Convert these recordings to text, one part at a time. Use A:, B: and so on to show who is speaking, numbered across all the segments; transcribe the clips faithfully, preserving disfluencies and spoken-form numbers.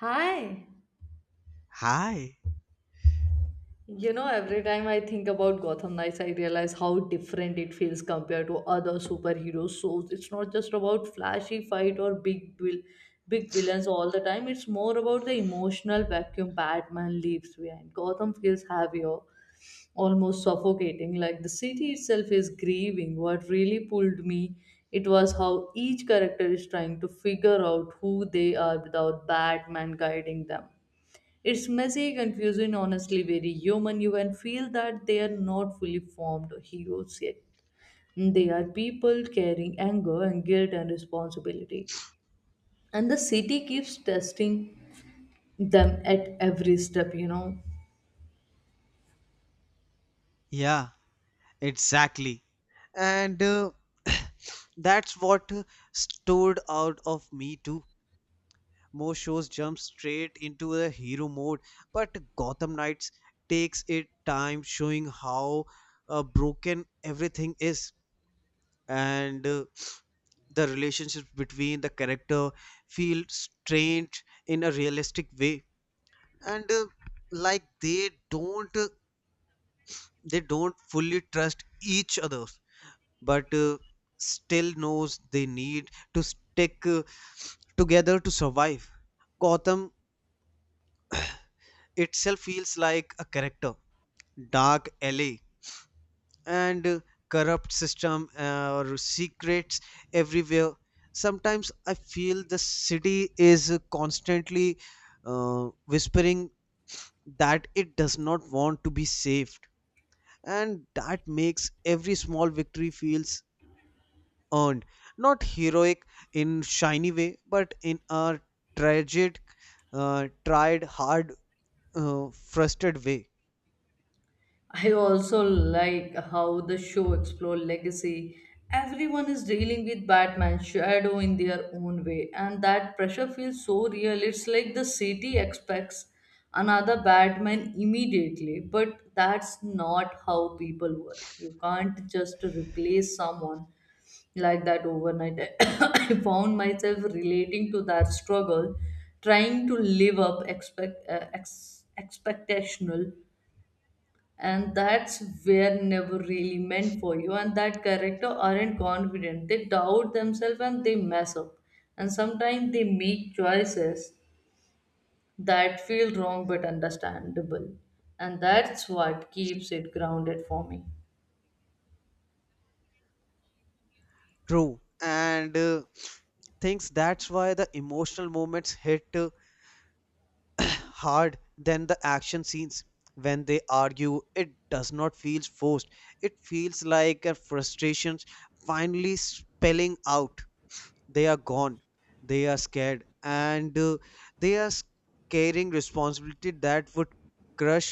A: Hi.
B: Hi.
A: You know, every time I think about Gotham Knights, I realize how different it feels compared to other superhero shows. It's not just about flashy fight or big vil- big villains all the time. It's more about the emotional vacuum Batman leaves behind. Gotham feels heavier, almost suffocating. Like the city itself is grieving. What really pulled me, it was how each character is trying to figure out who they are without Batman guiding them. It's messy, confusing, honestly very human. You can feel that they are not fully formed heroes yet. They are people carrying anger and guilt and responsibility. And the city keeps testing them at every step, you know.
B: Yeah, exactly. And uh, that's what uh, stood out of me too. Most shows jump straight into a hero mode, but Gotham Knights takes it time showing how uh, broken everything is and uh, the relationships between the character feel strained in a realistic way and uh, like they don't uh, they don't fully trust each other but uh, still knows they need to stick uh, together to survive. Gotham itself feels like a character, dark alley and uh, corrupt system uh, or secrets everywhere. Sometimes I feel the city is uh, constantly uh, whispering that it does not want to be saved, and that makes every small victory feels earned, not heroic in shiny way, but in a tragic, uh, tried hard, uh, frustrated way.
A: I also like how the show explore legacy. Everyone is dealing with Batman's shadow in their own way, and that pressure feels so real. It's like the city expects another Batman immediately, but that's not how people work. You can't just replace someone like that overnight. I found myself relating to that struggle, trying to live up expect uh, ex- expectational, and that's where never really meant for you and that character aren't confident, they doubt themselves and they mess up, and sometimes they make choices that feel wrong but understandable, and that's what keeps it grounded for me.
B: True, and uh, thinks that's why the emotional moments hit uh, hard than the action scenes. When they argue, it does not feel forced. It feels like a frustrations finally spelling out. They are gone, they are scared, and uh, they are s- carrying responsibility that would crush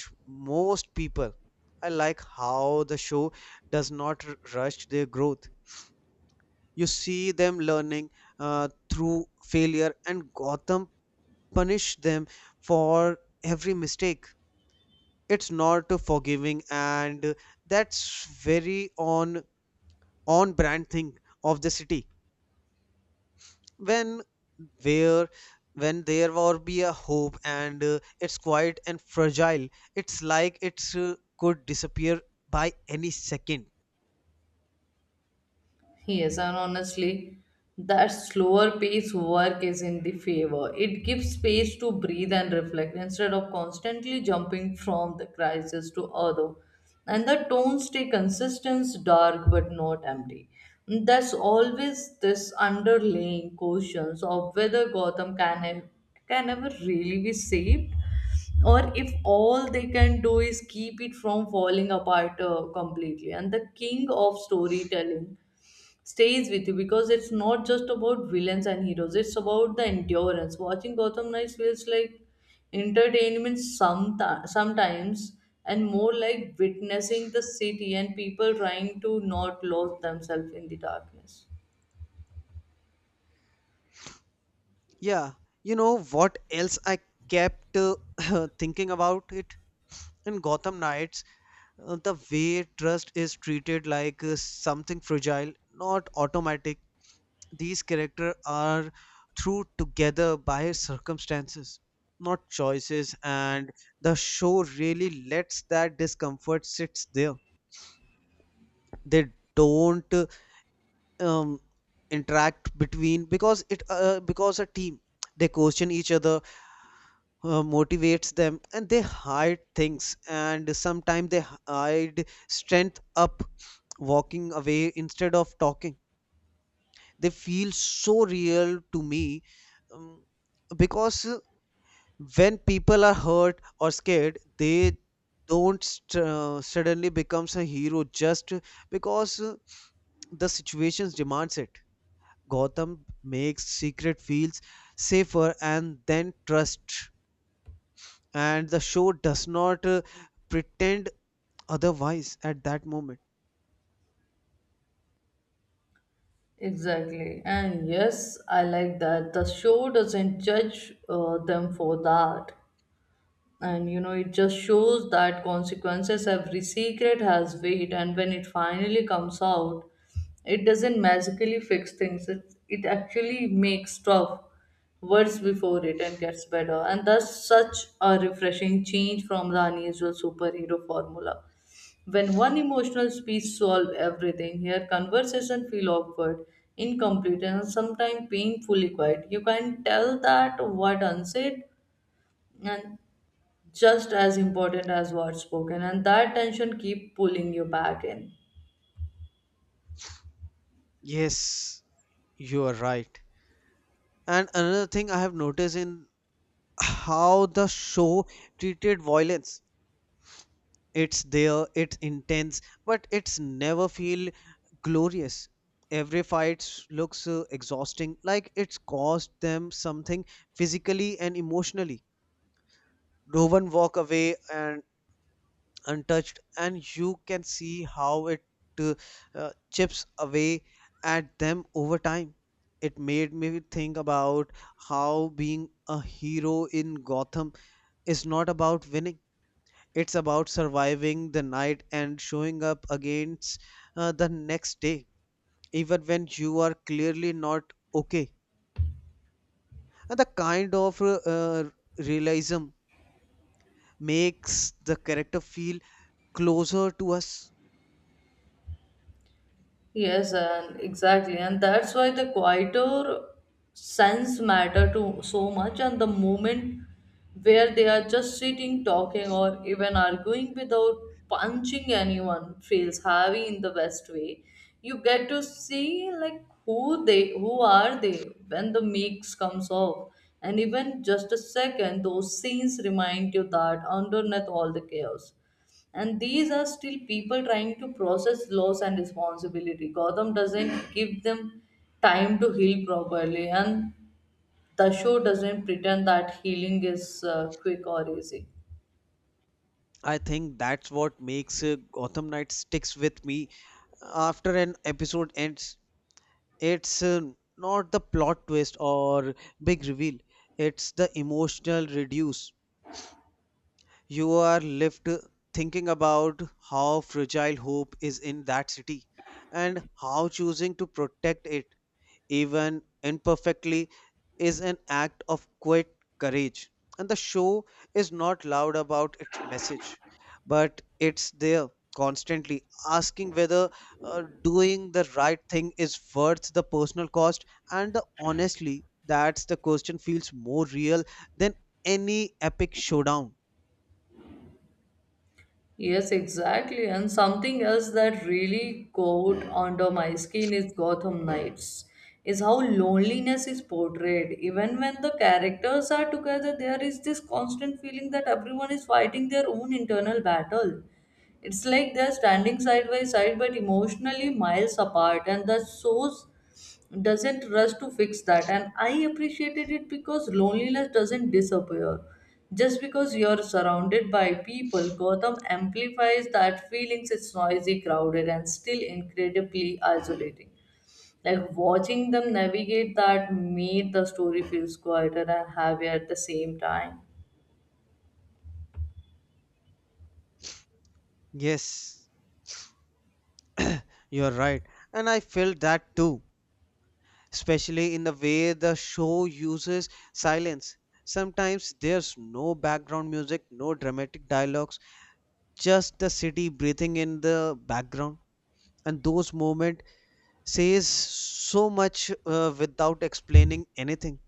B: most people. I like how the show does not r- rush their growth. You see them learning uh, through failure, and Gotham punish them for every mistake. It's not uh, forgiving, and uh, that's very on on brand thing of the city. when there when there will be a hope, and uh, it's quiet and fragile. It's like it uh, could disappear by any second.
A: Yes, and honestly, that slower pace work is in the favor. It gives space to breathe and reflect instead of constantly jumping from the crisis to other. And the tones stay consistent, dark but not empty. There's always this underlying questions of whether Gotham can ev- can ever really be saved, or if all they can do is keep it from falling apart uh, completely. And the king of storytelling stays with you because it's not just about villains and heroes, it's about the endurance. Watching Gotham Knights feels like entertainment someti- sometimes, and more like witnessing the city and people trying to not lose themselves in the darkness.
B: Yeah, you know what else I kept uh, thinking about it in Gotham Knights. Uh, the way trust is treated like uh, something fragile, not automatic. These characters are through together by circumstances, not choices, and the show really lets that discomfort sits there. They don't uh, um, Interact between because it uh, because a team. They question each other, uh, motivates them, and they hide things, and sometimes they hide strength up walking away instead of talking. They feel so real to me, um, because uh, when people are hurt or scared they don't st- uh, suddenly becomes a hero just because uh, the situations demands it. Gotham makes secret feels safer and then trust, and the show does not uh, pretend otherwise at that moment.
A: Exactly. And yes, I like that. The show doesn't judge uh, them for that. And you know, it just shows that consequences, every secret has weight, and when it finally comes out it doesn't magically fix things. It, it actually makes stuff worse before it and gets better, and that's such a refreshing change from the unusual superhero formula. When one emotional speech solves everything, here conversation feel awkward, incomplete, and sometimes painfully quiet. You can tell that what unsaid and just as important as what's spoken, and that tension keep pulling you back in.
B: Yes, you are right. And another thing I have noticed in how the show treated violence. It's there, it's intense, but it's never feel glorious. Every fight looks uh, exhausting, like it's cost them something physically and emotionally. No one walk away and untouched, and you can see how it uh, uh, chips away at them over time. It made me think about how being a hero in Gotham is not about winning. It's about surviving the night and showing up against uh, the next day, even when you are clearly not okay. And the kind of uh, uh, realism makes the character feel closer to us.
A: Yes, and exactly, and that's why the quieter sense matter to so much, and the moment where they are just sitting, talking, or even arguing without punching anyone feels heavy in the best way. You get to see like who they, who are they when the mix comes off, and even just a second, those scenes remind you that underneath all the chaos and these are still people trying to process loss and responsibility. Gotham doesn't give them time to heal properly, and the show doesn't pretend that healing is uh, quick or easy.
B: I think that's what makes uh, Gotham Knight sticks with me after an episode ends. It's uh, not the plot twist or big reveal. It's the emotional reduce. You are left thinking about how fragile hope is in that city, and how choosing to protect it, even imperfectly, is an act of quiet courage. And the show is not loud about its message, but it's there constantly asking whether uh, doing the right thing is worth the personal cost. And the, honestly, that's the question feels more real than any epic showdown.
A: Yes, exactly. And something else that really got under my skin is Gotham Knights. Is how loneliness is portrayed. Even when the characters are together, there is this constant feeling that everyone is fighting their own internal battle. It's like they're standing side by side but emotionally miles apart, and that's so doesn't rush to fix that. And I appreciated it because loneliness doesn't disappear just because you're surrounded by people. Gotham amplifies that feelings. It's noisy, crowded, and still incredibly isolating. Like watching them navigate that made the story feels quieter and heavier at the same time.
B: Yes, you're right. And I felt that too, especially in the way the show uses silence. Sometimes there's no background music, no dramatic dialogues, just the city breathing in the background. And those moments says so much uh, without explaining anything.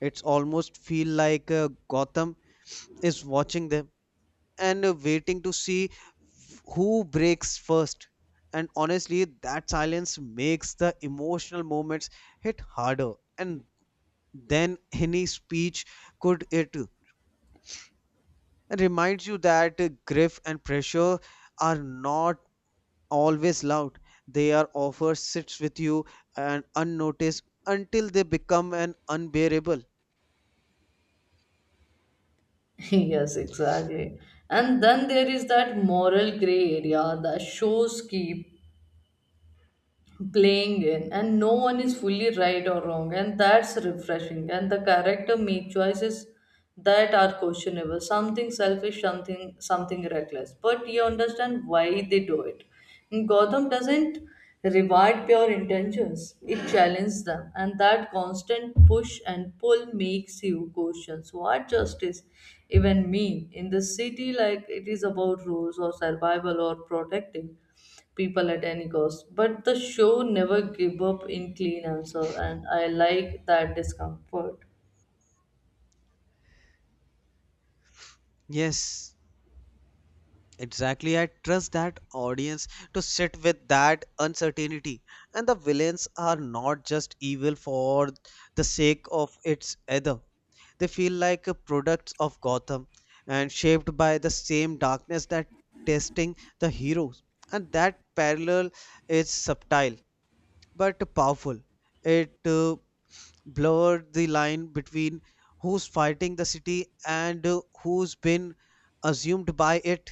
B: It's almost feel like uh, Gotham is watching them and uh, waiting to see who breaks first. And honestly, that silence makes the emotional moments hit harder. And then any speech could it and reminds you that uh, grief and pressure are not always loud. They are offer sits with you and unnoticed until they become an unbearable.
A: Yes, exactly. And then there is that moral gray area that shows keep playing in, and no one is fully right or wrong, and that's refreshing. And the character make choices that are questionable, something selfish, something something reckless, but you understand why they do it. And Gotham doesn't reward pure intentions, it challenges them, and that constant push and pull makes you question what justice even mean in the city. Like it is about rules or survival or protecting people at any cost. But the show never give up in clean answer, and I like that discomfort.
B: Yes, exactly, I trust that audience to sit with that uncertainty. And the villains are not just evil for the sake of its either. They feel like uh, products of Gotham and shaped by the same darkness that testing the heroes. And that parallel is subtle but powerful. It uh, blurred the line between who's fighting the city and uh, who's been assumed by it.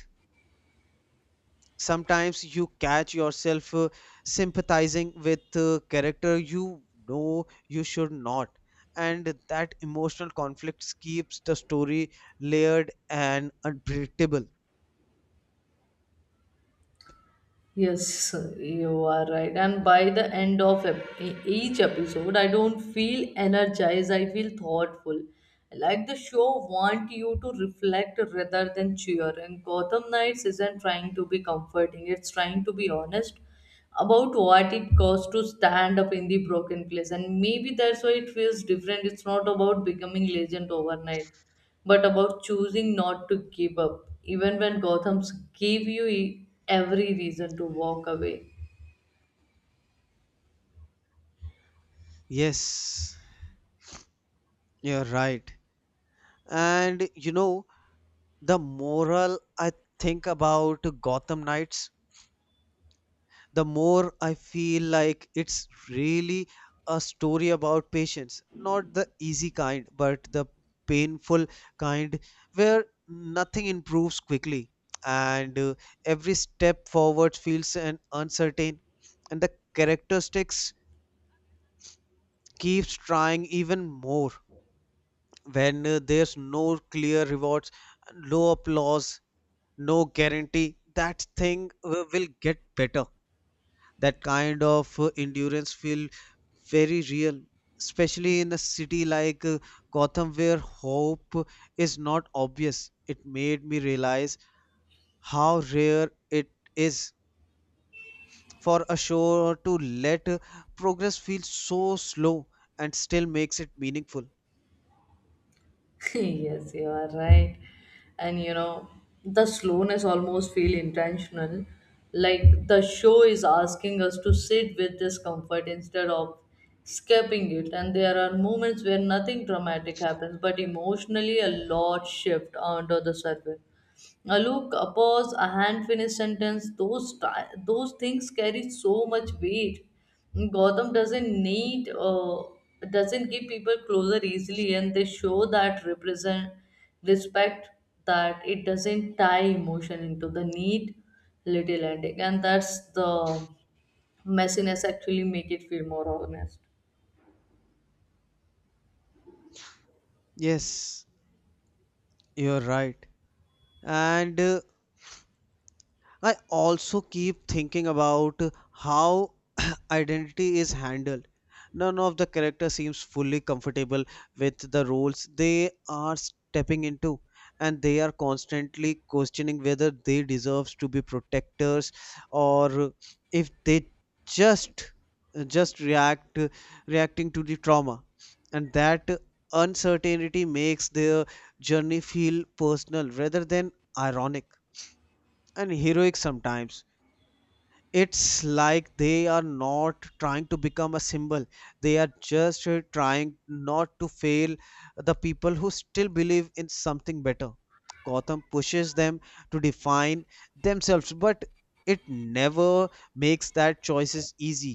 B: Sometimes you catch yourself uh, sympathizing with uh, character you know you should not, and that emotional conflict keeps the story layered and unpredictable.
A: Yes, you are right. And by the end of ep- e- each episode, I don't feel energized. I feel thoughtful. Like the show want you to reflect rather than cheer. And Gotham Knights isn't trying to be comforting. It's trying to be honest about what it costs to stand up in the broken place. And maybe that's why it feels different. It's not about becoming legend overnight but about choosing not to give up, even when Gotham's give you e- every reason to walk away.
B: Yes, you're right. And you know, the moral I think about Gotham Knights, the more I feel like it's really a story about patience. Not the easy kind, but the painful kind, where nothing improves quickly, and uh, every step forward feels an uncertain, and the characteristics keeps trying even more when uh, there's no clear rewards, no applause, no guarantee that thing uh, will get better. That kind of uh, endurance feel very real, especially in a city like uh, Gotham, where hope is not obvious. It made me realize how rare it is for a show to let uh, progress feel so slow and still makes it meaningful.
A: Yes, you are right. And you know, the slowness almost feel intentional. Like the show is asking us to sit with discomfort instead of escaping it. And there are moments where nothing dramatic happens, but emotionally a lot shift under the surface. A look, a pause, a hand-finished sentence, those, ti- those things carry so much weight. Gotham doesn't need, uh, doesn't give people closer easily, and they show that represent, respect that it doesn't tie emotion into the neat little ending, and that's the messiness actually make it feel more honest.
B: Yes, you're right. And uh, I also keep thinking about how identity is handled. None of the character seems fully comfortable with the roles they are stepping into, and they are constantly questioning whether they deserve to be protectors, or if they just just react reacting to the trauma. And that uncertainty makes their journey feel personal rather than ironic and heroic. Sometimes it's like they are not trying to become a symbol, they are just uh, trying not to fail the people who still believe in something better. Gotham pushes them to define themselves, but it never makes that choices easy.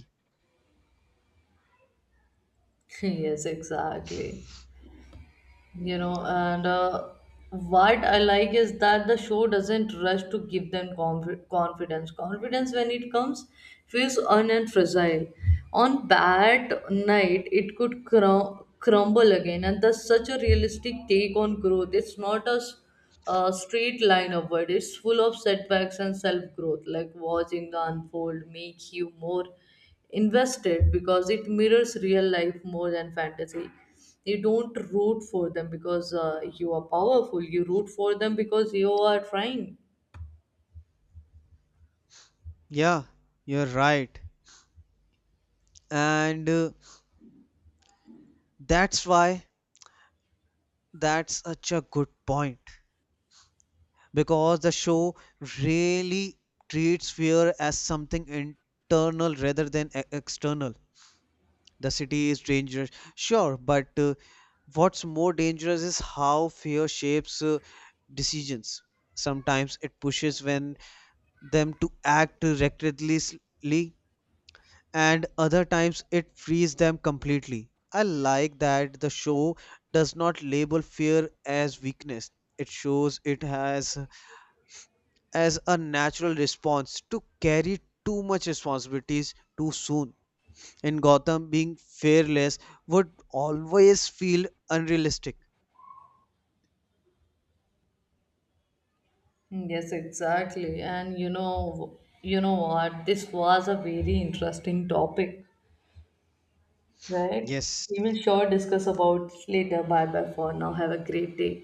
A: Yes, exactly. you know and uh, what I like is that the show doesn't rush to give them conf- confidence confidence When it comes feels un and fragile, on bad night it could crum- crumble again, and that's such a realistic take on growth. It's not a s- a straight line upward, it's full of setbacks and self growth. Like watching the unfold make you more invested because it mirrors real life more than fantasy. You don't root for them because uh, you are powerful. You root for them because you are trying.
B: Yeah, you're right. And uh, that's why that's such a good point, because the show really treats fear as something internal rather than e- external. The city is dangerous. Sure, but uh, what's more dangerous is how fear shapes uh, decisions. Sometimes it pushes when them to act recklessly, and other times it frees them completely. I like that the show does not label fear as weakness. It shows it has as a natural response to carry too much responsibilities too soon. In Gotham, being fearless would always feel unrealistic.
A: Yes, exactly. And you know, you know what? This was a very interesting topic, right?
B: Yes,
A: We will sure discuss about later. Bye bye for now. Have a great day.